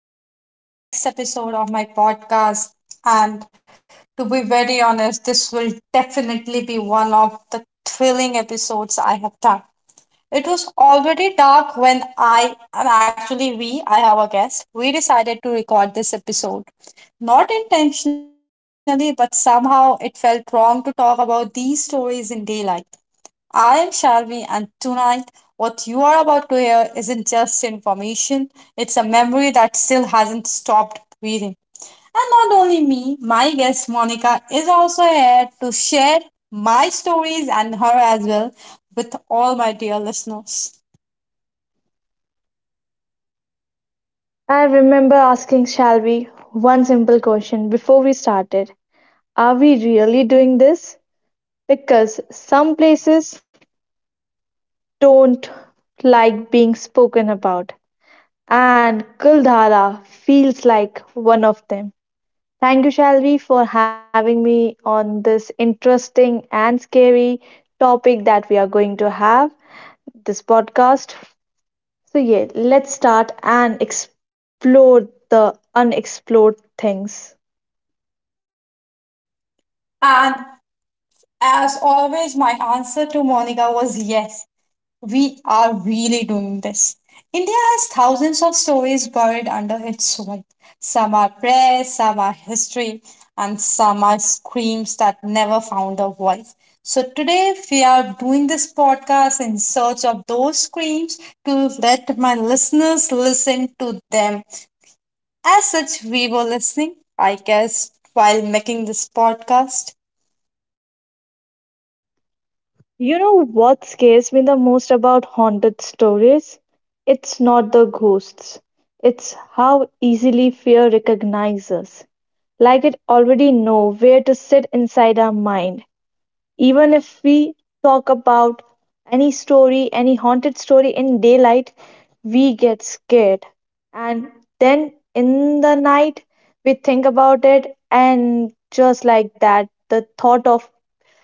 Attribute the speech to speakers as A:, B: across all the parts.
A: and welcome to the next episode of my podcast. And to be very honest, this will definitely be one of the thrilling episodes I have done. It was already dark when I, and actually we, I have a guest, we decided to record this episode. Not intentionally, but somehow it felt wrong to talk about these stories in daylight. I am Shalvi, and tonight, what you are about to hear isn't just information, it's a memory that still hasn't stopped breathing. And not only me, my guest Monica is also here to share my stories and her as well with all my dear listeners.
B: I remember asking Shelby one simple question before we started. Are we really doing this? Because some places don't like being spoken about, and Kuldhara feels like one of them. Thank you, Shalvi, for having me on this interesting and scary topic that we are going to have this podcast. So, yeah, let's start and explore the unexplored things.
A: And as always, my answer to Monica was yes, we are really doing this. India has thousands of stories buried under its soil. Some are prayers, some are history, and some are screams that never found a voice. So today we are doing this podcast in search of those screams to let my listeners listen to them. As such, we were listening, I guess, while making this podcast.
B: You know what scares me the most about haunted stories? It's not the ghosts, it's how easily fear recognizes. Like it already know where to sit inside our mind. Even if we talk about any story, any haunted story in daylight, we get scared. And then in the night, we think about it, and just like that, the thought of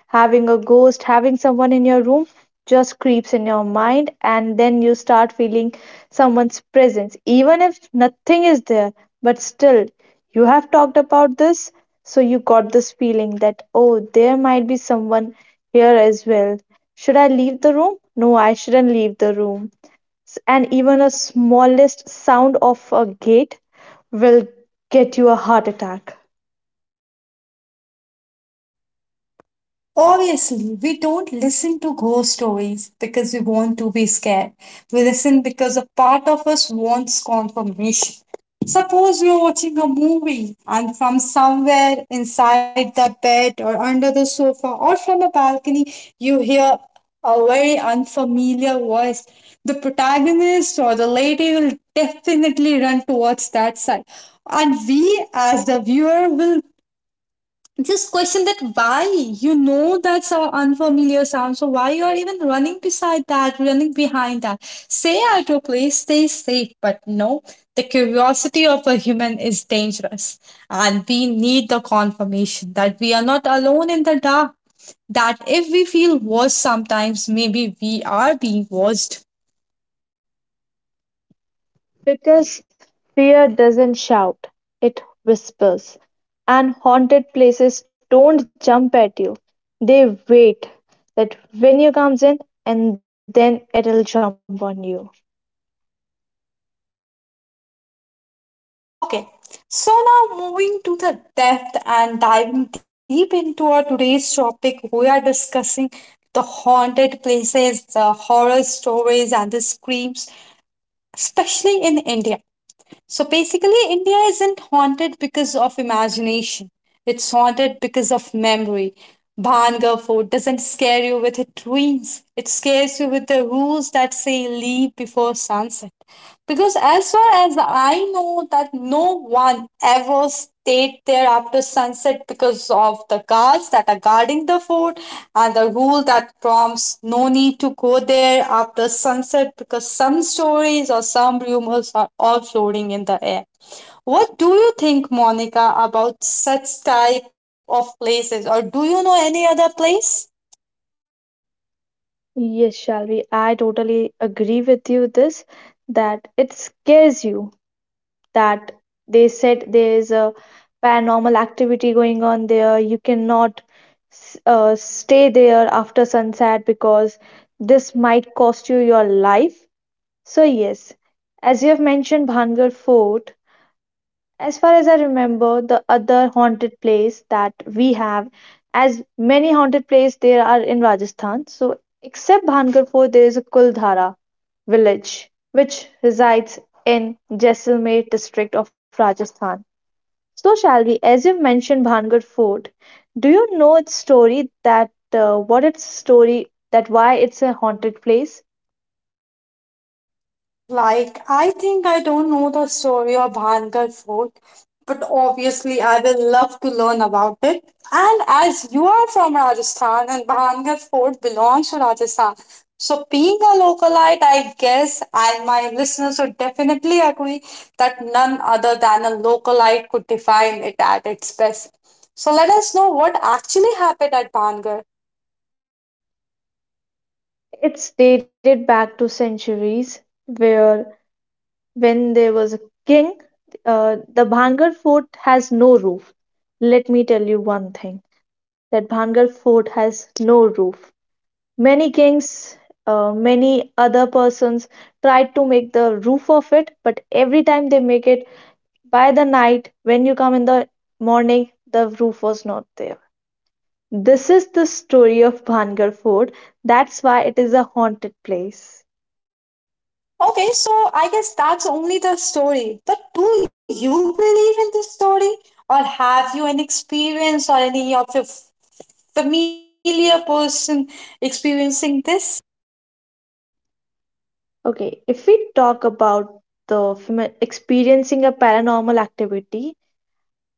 B: having a ghost, having someone in your room just creeps in your mind, and then you start feeling someone's presence, even if nothing is there. But still, you have talked about this, so you got this feeling that, oh, there might be someone here as well. Should I leave the room? No, I shouldn't leave the room. And even a smallest sound of a gate will get you a heart attack.
A: Obviously, we don't listen to ghost stories because we want to be scared. We listen because a part of us wants confirmation. Suppose we are watching a movie and from somewhere inside the bed or under the sofa or from a balcony, you hear a very unfamiliar voice. The protagonist or the lady will definitely run towards that side. And we, as the viewer, will just question that why that's an unfamiliar sound, so why you are even running beside that, running behind that? Stay at your place, stay safe, but no, the curiosity of a human is dangerous, and we need the confirmation that we are not alone in the dark. That if we feel watched sometimes, maybe we are being watched.
B: Because fear doesn't shout, it whispers. And haunted places don't jump at you. They wait that when you comes in and then it'll jump on you.
A: Okay, so now moving to the depth and diving deep into our today's topic, we are discussing the haunted places, the horror stories, and the screams, especially in India. So basically, India isn't haunted because of imagination, it's haunted because of memory. Bhanga Fort doesn't scare you with its ruins, it scares you with the rules that say leave before sunset. Because as far as I know, that no one ever stayed there after sunset because of the guards that are guarding the fort and the rule that prompts no need to go there after sunset because some stories or some rumors are all floating in the air. What do you think, Monica, about such type of places, or do you know any other place?
B: Yes, Shalvi, I totally agree with you this that it scares you that they said there is a paranormal activity going on there. You cannot stay there after sunset because this might cost you your life. So yes, as you have mentioned Bhangar Fort, as far as I remember, the other haunted place that we have, many haunted places there are in Rajasthan. So except Bhangar Fort, there is a Kuldhara village which resides in Jaisalmer district of Rajasthan. So Shalvi, as you've mentioned Bhangar Fort, do you know its story that what its story that why it's a haunted place?
A: Like, I think I don't know the story of Bhangar Fort, but obviously I will love to learn about it. And as you are from Rajasthan and Bhangar Fort belongs to Rajasthan, so being a localite, I guess, and my listeners would definitely agree that none other than a localite could define it at its best. So let us know what actually happened at Bhangar.
B: It's dated back to centuries, where when there was a king, the Bhangar fort has no roof. Let me tell you one thing that Bhangar fort has no roof. Many kings, many other persons tried to make the roof of it, but every time they make it by the night, when you come in the morning, the roof was not there. This is the story of Bhangar fort. That's why it is a haunted place.
A: Okay, so I guess that's only the story. But do you believe in this story? Or have you an experience or any of your familiar person experiencing this?
B: Okay, if we talk about the experiencing a paranormal activity,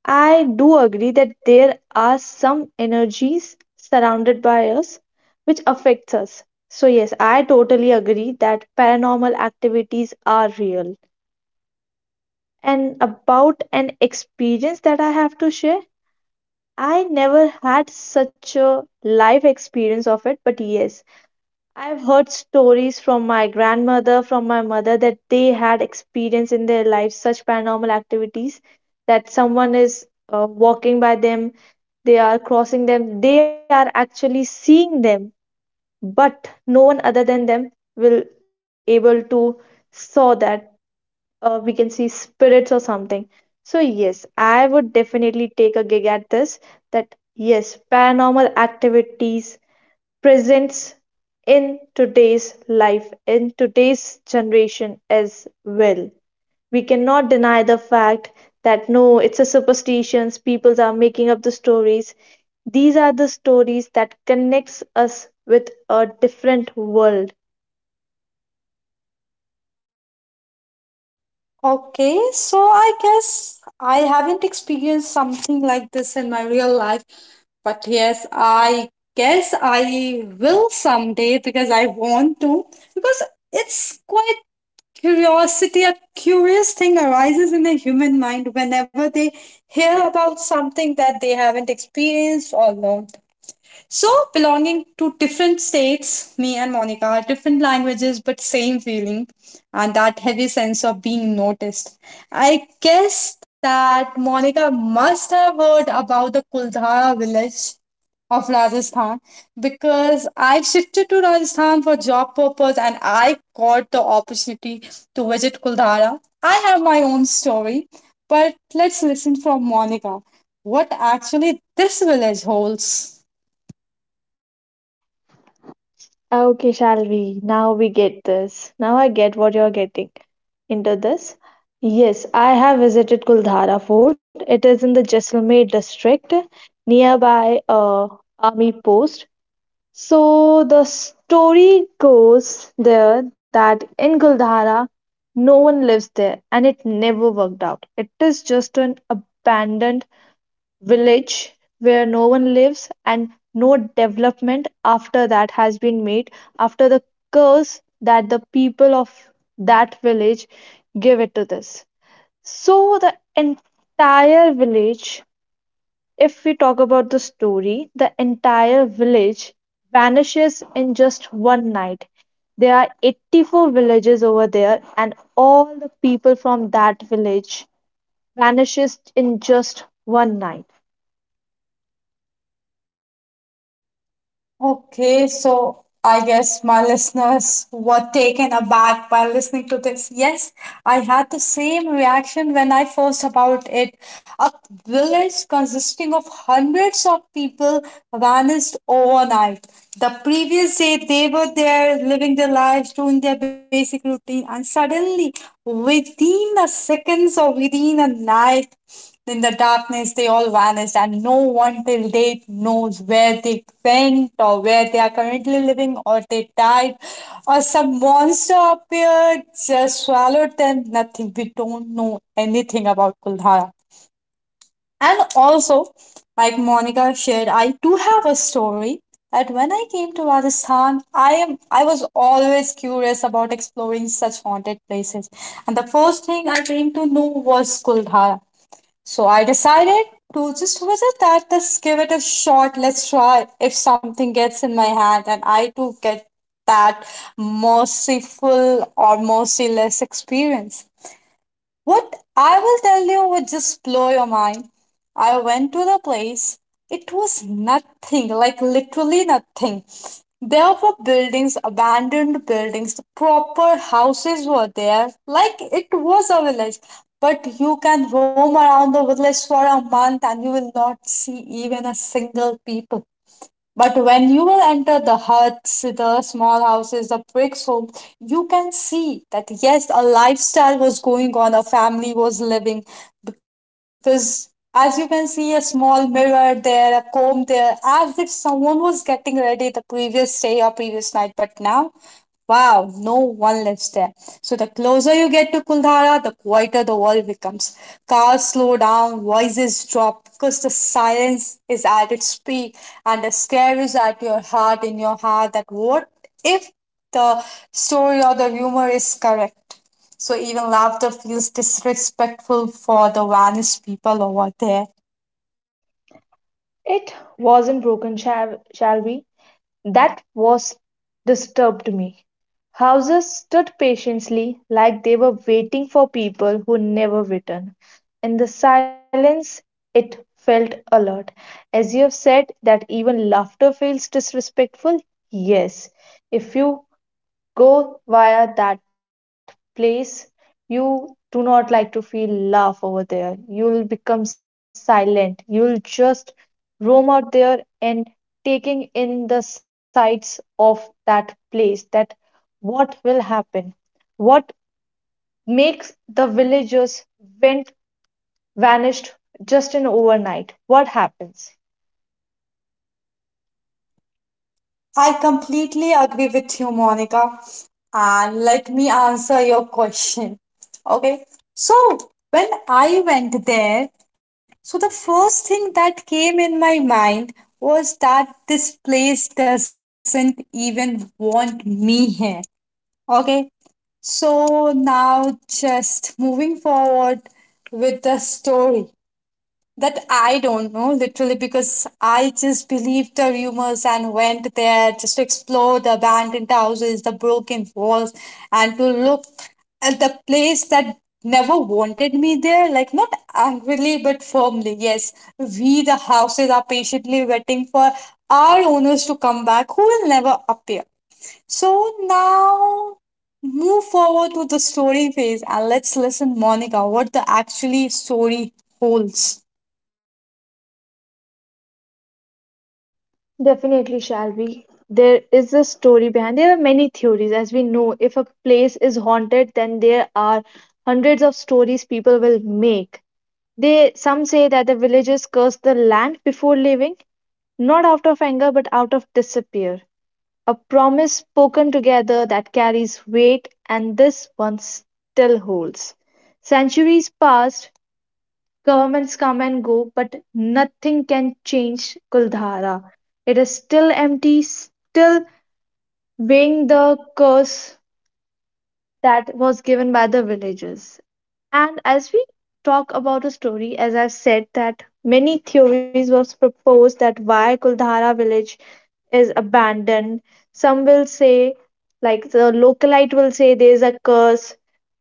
B: I do agree that there are some energies surrounded by us which affects us. So yes, I totally agree that paranormal activities are real. And about an experience that I have to share, I never had such a live experience of it, but yes, I've heard stories from my grandmother, from my mother, that they had experienced in their life such paranormal activities that someone is walking by them, they are crossing them, they are actually seeing them, but no one other than them will able to saw that we can see spirits or something. So yes, I would definitely take a gig at this. That yes, paranormal activities presence in today's life, in today's generation as well. We cannot deny the fact that no, it's a superstitions, people are making up the stories. These are the stories that connects us with a different world.
A: Okay, so I guess I haven't experienced something like this in my real life. But yes, I guess I will someday because I want to. Because it's quite. Curiosity, a curious thing arises in the human mind whenever they hear about something that they haven't experienced or known. So, belonging to different states, me and Monica, are different languages, but same feeling, and that heavy sense of being noticed. I guess that Monica must have heard about the Kuldhara village of Rajasthan because I shifted to Rajasthan for job purpose and I got the opportunity to visit Kuldhara. I have my own story, but let's listen from Monica what actually this village holds.
B: Okay, shall we? Now we get this. Now I get what you're getting into this. Yes, I have visited Kuldhara Fort. It is in the Jaisalmer district nearby army post. So the story goes there that in Kuldhara, no one lives there and it never worked out. It is just an abandoned village where no one lives and no development after that has been made after the curse that the people of that village give it to this. So the entire village, if we talk about the story, the entire village vanishes in just one night. There are 84 villages over there and all the people from that village vanishes in just one night.
A: Okay, so I guess my listeners were taken aback by listening to this. Yes, I had the same reaction when I first about it. A village consisting of hundreds of people vanished overnight. The previous day they were there living their lives, doing their basic routine, and suddenly within the seconds or within a night in the darkness, they all vanished, and no one till date knows where they went or where they are currently living, or they died, or some monster appeared, just swallowed them. Nothing. We don't know anything about Kuldhara. And also, like Monica shared, I do have a story that when I came to Rajasthan, I was always curious about exploring such haunted places. And the first thing I came to know was Kuldhara. So I decided to just visit that, just give it a shot. Let's try if something gets in my hand and I too get that merciful or merciless experience. What I will tell you would just blow your mind. I went to the place. It was nothing, like literally nothing. There were buildings, abandoned buildings, proper houses were there, like it was a village. But you can roam around the village for a month and you will not see even a single people. But when you will enter the huts, the small houses, the bricks home, you can see that yes, a lifestyle was going on, a family was living. Because as you can see, a small mirror there, a comb there, as if someone was getting ready the previous day or previous night. But now wow, no one lives there. So the closer you get to Kuldhara, the quieter the world becomes. Cars slow down, voices drop because the silence is at its peak and the scare is at your heart, in your heart, that what if the story or the rumor is correct? So even laughter feels disrespectful for the vanished people over there.
B: It wasn't broken, shall we? That was disturbed me. Houses stood patiently like they were waiting for people who never returned. In the silence, it felt alert. As you have said, that even laughter feels disrespectful, yes. If you go via that place you do not like to feel laugh over there. You'll become silent. You'll just roam out there and taking in the sights of that place that what will happen, what makes the villagers went vanished just in overnight, what happens.
A: I completely agree with you, Monica. And let me answer your question. Okay. So, when I went there, so the first thing that came in my mind was that this place doesn't even want me here. Okay. So, now just moving forward with the story. That I don't know, literally, because I just believed the rumors and went there just to explore the abandoned houses, the broken walls, and to look at the place that never wanted me there. Like, not angrily, but firmly. Yes, we, the houses, are patiently waiting for our owners to come back, who will never appear. So now move forward to the story phase and let's listen Monica what the actually story holds.
B: Definitely, shall we? There is a story behind. There are many theories, as we know. If a place is haunted, then there are hundreds of stories people will make. They some say that the villagers curse the land before leaving, not out of anger but out of despair. A promise spoken together that carries weight, and this one still. Centuries pass. Governments come and go, but nothing can change Kuldhara. It is still empty, still weighing the curse that was given by the villagers. And as we talk about a story, as I've said, that many theories was proposed that why Kuldhara village is abandoned. Some will say, like the localite will say, there's a curse.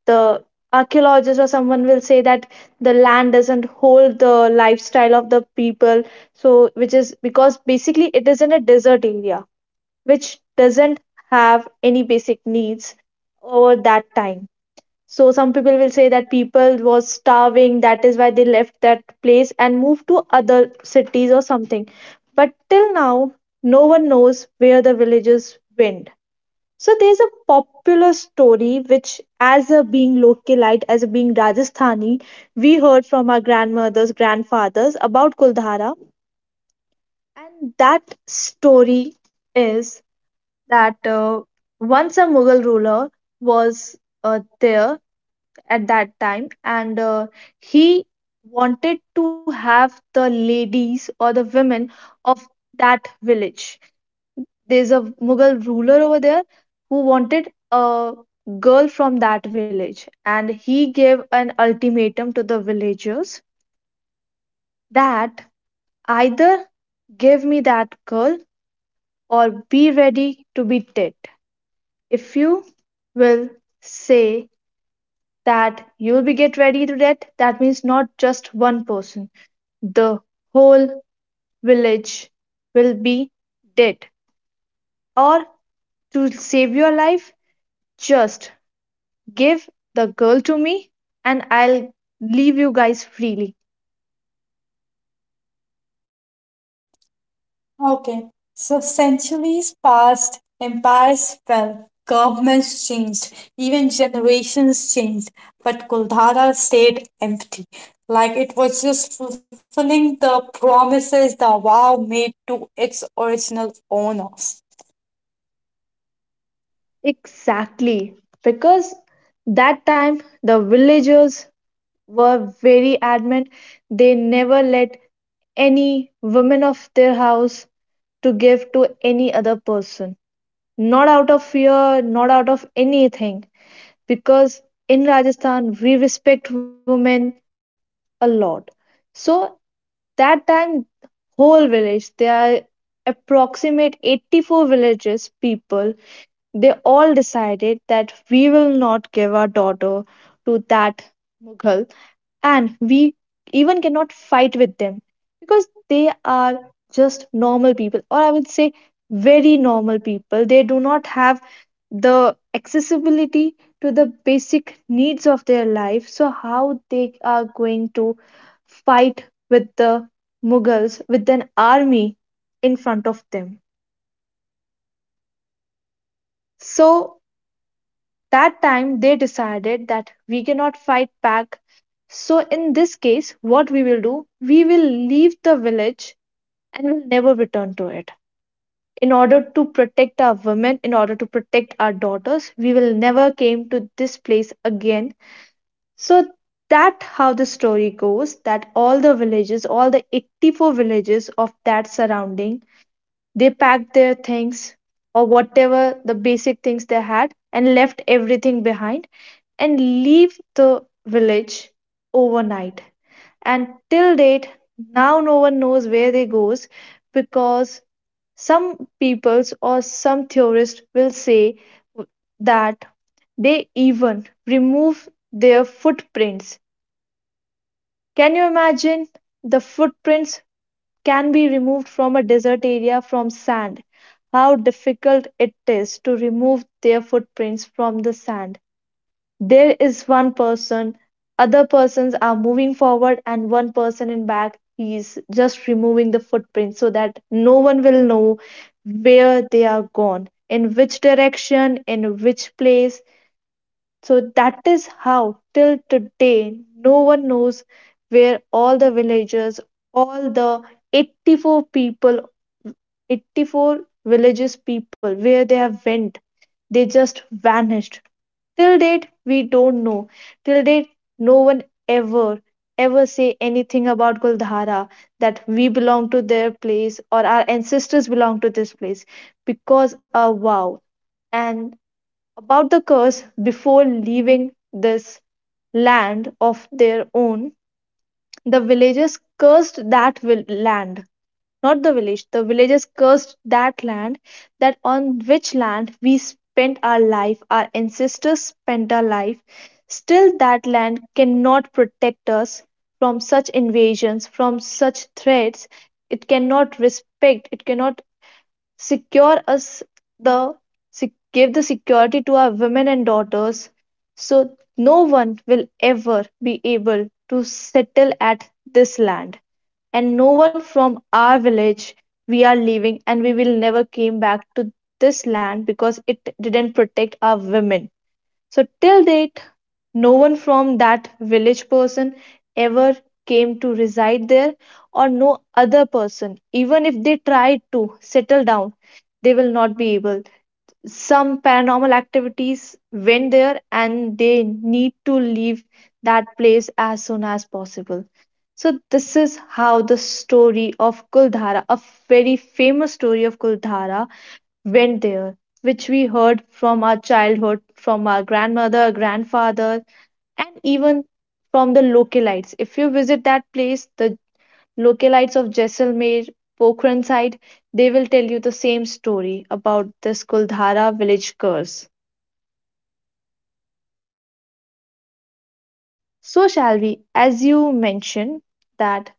B: The archaeologist or someone will say that the land doesn't hold the lifestyle of the people. So, which is because basically it is in a desert area, which doesn't have any basic needs over that time. So some people will say that people was starving, that is why they left that place and moved to other cities or something. But till now, no one knows where the villages went. So there's a popular story which, as a being localite, as a being Rajasthani, we heard from our grandmothers, grandfathers about Kuldhara, and that story is that once a Mughal ruler was there at that time and he wanted to have the ladies or the women of that village. There's a Mughal ruler over there who wanted a girl from that village and he gave an ultimatum to the villagers that either give me that girl or be ready to be dead. If you will say that you'll be get ready to dead, that means not just one person, the whole village will be dead. Or to save your life, just give the girl to me and I'll leave you guys freely.
A: Okay, so centuries passed, empires fell, governments changed, even generations changed, but Kuldhara stayed empty, like it was just fulfilling the promises the wow made to its original owners.
B: Exactly. Because that time the villagers were very adamant. They never let any woman of their house to give to any other person. Not out of fear, not out of anything, because in Rajasthan we respect women a lot. So that time, whole village, there are approximate 84 villages people, they all decided that we will not give our daughter to that Mughal, and we even cannot fight with them. They are just normal people, or I would say very normal people, they do not have the accessibility to the basic needs of their life, so how they are going to fight with the Mughals with an army in front them? So that time they decided that we cannot fight back. So, in this case, what we will do, we will leave the village and will never return to it. In order to protect our women, in order to protect our daughters, we will never came to this place again. So that how the story goes that all the villages, all the 84 villages of that surrounding, they packed their things or whatever the basic things they had and left everything behind and leave the village overnight. And till date, now no one knows where they goes, because some peoples or some theorists will say that they even remove their footprints. Can you imagine the footprints can be removed from a desert area from sand, how difficult it is to remove their footprints from the sand? There is one person, other persons are moving forward, and one person in back he is just removing the footprints so that no one will know where they are gone, in which direction, in which place. So that is how, till today, no one knows where all the villagers, all the 84 people, 84 villages people, where they have went. They just vanished. Till date, we don't know. Till date, no one ever, ever say anything about Guldhara that we belong to their place or our ancestors belong to this place, because a wow. And about the curse before leaving this land of their own. The villagers cursed that land, not the village. The villagers cursed that land, that on which land we spent our life, our ancestors spent our life. Still, that land cannot protect us from such invasions, from such threats. It cannot respect, it cannot secure us the give the security to our women and daughters so no one will ever be able to settle at this land and no one from our village, we are leaving and we will never came back to this land because it didn't protect our women. So till date, no one from that village person ever came to reside there, or no other person, even if they tried to settle down, they will not be able. Some paranormal activities went there and they need to leave that place as soon as possible. So, this is how the story of Kuldhara, a very famous story of Kuldhara, went there, which we heard from our childhood, from our grandmother, grandfather, and even from the localites. If you visit that place, the localites of Jaisalmer, Pokhran side, they will tell you the same story about this Kuldhara village curse. So, shall we, as you mentioned, that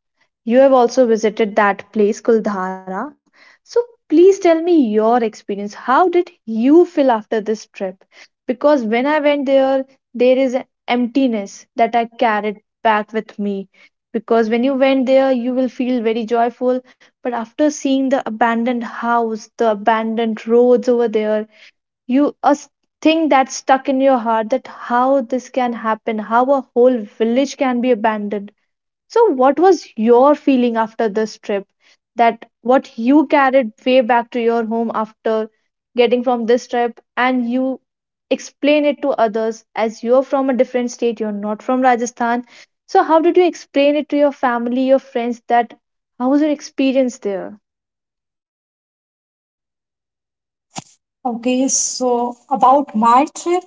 B: you have also visited that place, Kuldhara. So please tell me your experience. How did you feel after trip? Because when I went there, there is an emptiness that I carried back with me. Because when you went there, you will feel very joyful. But after seeing the abandoned house, the abandoned roads over there, you thing that's stuck in your heart that how this can happen, how a whole village can be abandoned. So, what was your feeling after this trip? That what you carried way back to your home after getting from this trip, and you explain it to others as you're from a different state, you're not from Rajasthan. So, how did you explain it to your family, your friends? That how was your experience there?
A: Okay, so about my trip,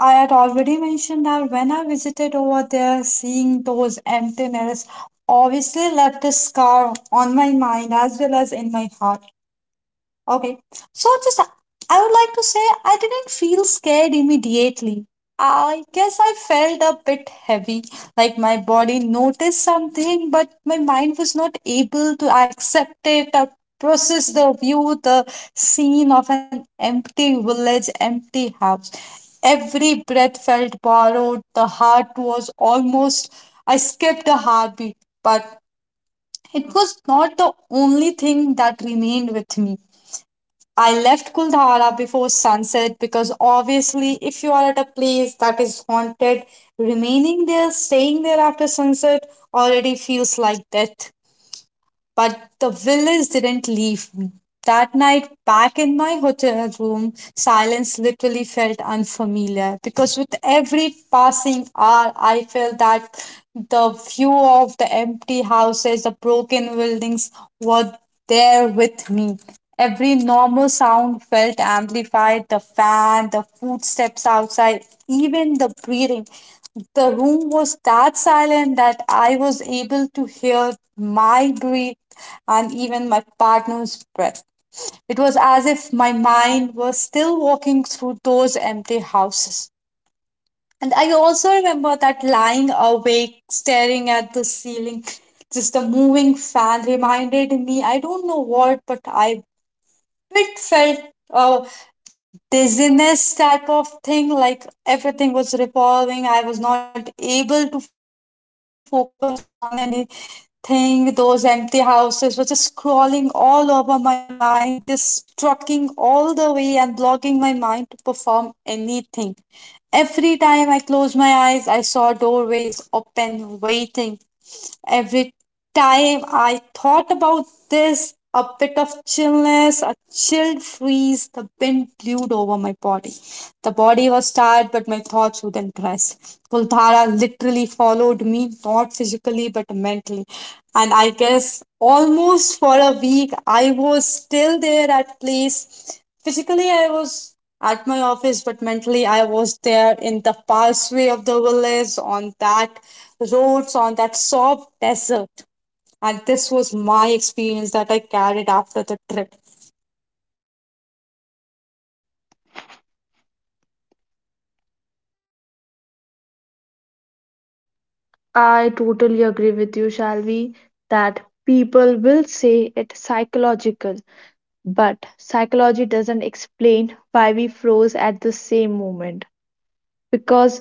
A: I had already mentioned that when I visited over there, seeing those empty mirrors obviously left a scar on my mind as well as in my heart. Okay. So just I would like to say I didn't feel scared immediately. I guess I felt a bit heavy, like my body noticed something, but my mind was not able to accept it or process the view, the scene of an empty village, empty house. Every breath felt borrowed, the heart was almost, I skipped a heartbeat, but it was not the only thing that remained with me. I left Kuldhara before sunset because obviously, if you are at a place that is haunted, remaining there, staying there after sunset already feels like death. But the villas didn't leave me. That night, back in my hotel room, silence literally felt unfamiliar because with every passing hour, I felt that the view of the empty houses, the broken buildings were there with me. Every normal sound felt amplified, the fan, the footsteps outside, even the breathing. The room was that silent that I was able to hear my breath and even my partner's breath. It was as if my mind was still walking through those empty houses. And I also remember that lying awake, staring at the ceiling, just the moving fan reminded me I don't know what, but I quick felt uh, dizziness type of thing, like everything was revolving. I was not able to focus on anything. Those empty houses were just crawling all over my mind, just trucking all the way and blocking my mind to perform anything. Every time I closed my eyes, I saw doorways open, waiting. Every time I thought about this, a bit of chillness, a chilled freeze, the wind blew over my body. The body was tired, but my thoughts wouldn't rest. Kuldhara literally followed me, not physically, but mentally. And I guess almost for a week, I was still there at place. Physically, I was at my office, but mentally, I was there in the pathway of the village, on that roads, on that soft desert. And this was my experience that I carried after the trip.
B: I totally agree with you, Shalvi, that people will say it's psychological, but psychology doesn't explain why we froze at the same moment. Because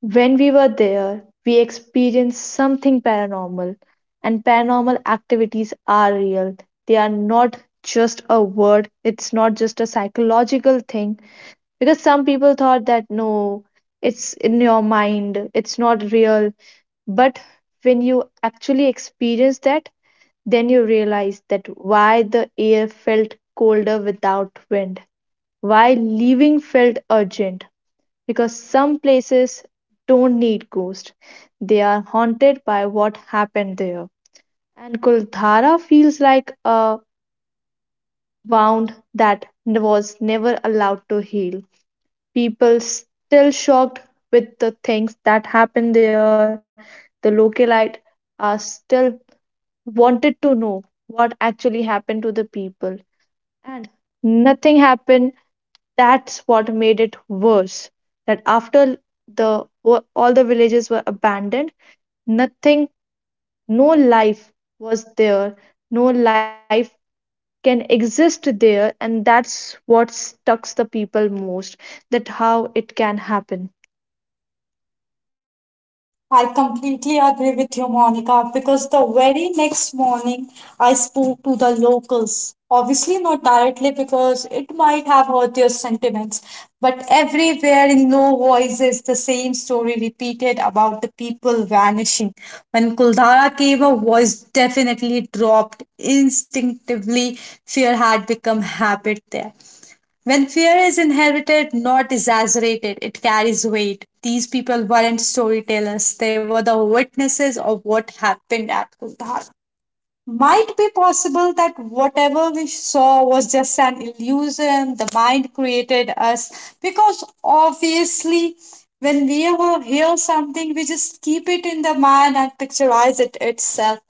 B: when we were there, we experienced something paranormal, and paranormal activities are real. They are not just a word, it's not just a psychological thing. Because some people thought that no, it's in your mind, it's not real. But when you actually experience that, then you realize that why the air felt colder without wind, why leaving felt urgent, because some places don't need ghosts. They are haunted by what happened there. And Kuldhara feels like a wound that was never allowed to heal. People still shocked with the things that happened there. The localite are still wanted to know what actually happened to the people. And nothing happened. That's what made it worse. That after all the villages were abandoned, nothing, no life was there. No life can exist there, and that's what stucks the people most. That how it can happen.
A: I completely agree with you, Monica, because the very next morning I spoke to the locals. Obviously, not directly because it might have hurt your sentiments, but everywhere in low voices, the same story repeated about the people vanishing. When Kuldara came, her voice definitely dropped. Instinctively, fear had become habit there. When fear is inherited, not exaggerated, it carries weight. These people weren't storytellers, they were the witnesses of what happened at Kuldhar. Might be possible that whatever we saw was just an illusion the mind created us, because obviously, when we ever hear something, we just keep it in the mind and picturize it itself.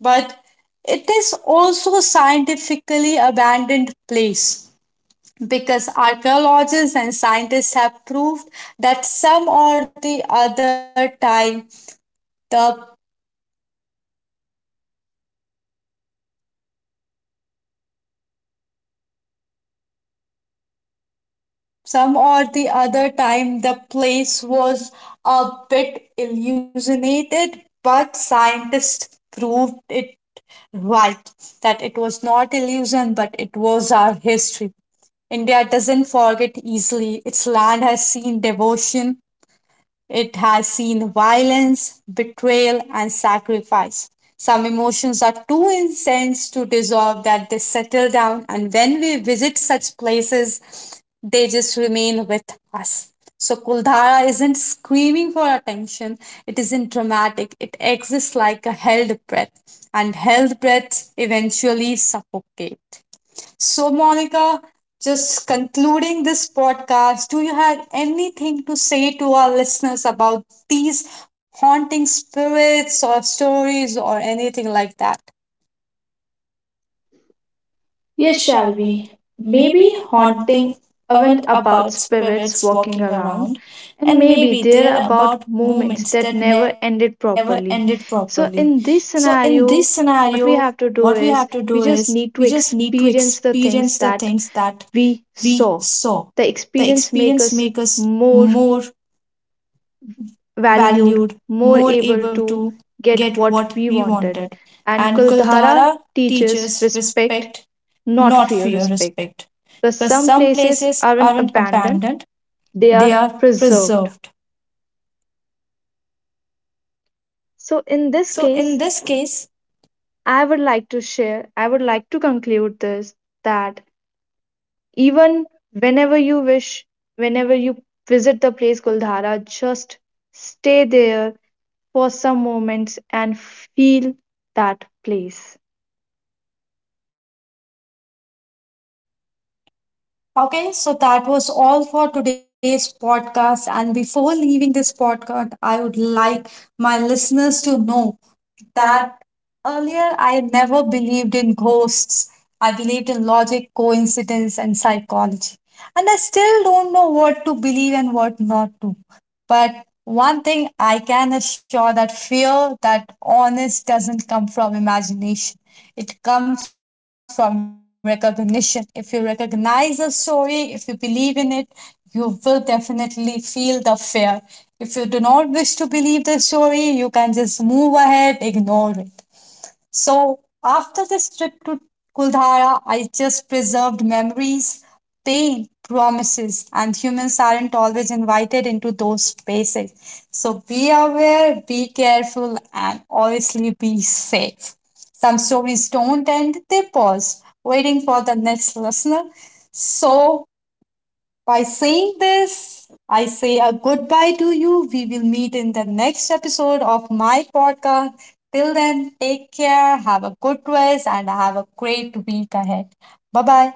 A: But it is also scientifically abandoned place because archaeologists and scientists have proved that the some or the other time the place was a bit illuminated, but scientists proved it right, that it was not illusion but it was our history. India doesn't forget easily, its land has seen devotion. It has seen violence, betrayal, and sacrifice. Some emotions are too intense to dissolve that they settle down, and when we visit such places, they just remain with us. So, Kuldhara isn't screaming for attention, it isn't dramatic, it exists like a held breath, and held breaths eventually suffocate. So, Monica, just concluding this podcast, do you have anything to say to our listeners about these haunting spirits or stories or anything like that?
B: Yes,
A: Yes,
B: shall
A: shall
B: we?
A: we?
B: Maybe
A: Maybe
B: haunting
A: haunting
B: aren't
A: aren't
B: about
A: about
B: spirits
A: spirits
B: walking
A: walking
B: around,
A: around,
B: and
A: and
B: maybe
A: maybe
B: they're
A: they're
B: about
A: about
B: moments
A: moments
B: that
A: that
B: never
A: never
B: ended
A: ended
B: properly.
A: properly.
B: So,
A: So,
B: in
A: in
B: this
A: this
B: scenario,
A: scenario,
B: what we
A: what we
B: have
A: have
B: to
A: to
B: do
A: do
B: is
A: is
B: we
A: we
B: just
A: just
B: need to
A: need to
B: experience
A: experience
B: the
A: the
B: things
A: things
B: that
A: that
B: we
A: we
B: saw.
A: saw.
B: The
A: The
B: experience
A: experience
B: make
A: makes
B: us
A: us
B: more
A: more
B: valued,
A: valued,
B: more
A: more
B: able
A: able
B: to
A: to
B: get
A: get
B: what
A: what
B: we
A: we
B: wanted.
A: wanted.
B: And
A: And
B: Kuldhara
A: Kuldhara
B: teaches
A: teaches
B: respect,
A: respect,
B: not
A: not
B: fear,
A: fear,
B: respect.
A: respect.
B: Because
A: Because
B: some
A: some
B: places
A: places
B: aren't
A: aren't
B: abandoned,
A: abandoned,
B: they are
A: they are
B: preserved.
A: preserved.
B: So,
A: So,
B: in this
A: in this
B: case,
A: case,
B: I would like to share, I would like to conclude this that even whenever you wish, whenever you visit the place Kuldhara, just stay there for some moments and feel that place.
A: okay, so that was all for today's podcast. And before leaving this podcast, I would like my listeners to know that earlier I never believed in ghosts. I believed in logic, coincidence, and psychology. And I still don't know what to believe and what not to. But one thing I can assure that fear that honest doesn't come from imagination. It comes from recognition. If you recognize a story, if you believe in it, you will definitely feel the fear. If you do not wish to believe the story, you can just move ahead, ignore it. So after this trip to Kuldhara, I just preserved memories, pain, promises, and humans aren't always invited into those spaces. So be aware, be careful, and obviously be safe. Some stories don't end, they pause, waiting for the next listener. So by saying this, I say a goodbye to you. We will meet in the next episode of my podcast. Till then, take care, have a good rest, and have a great week ahead. Bye bye.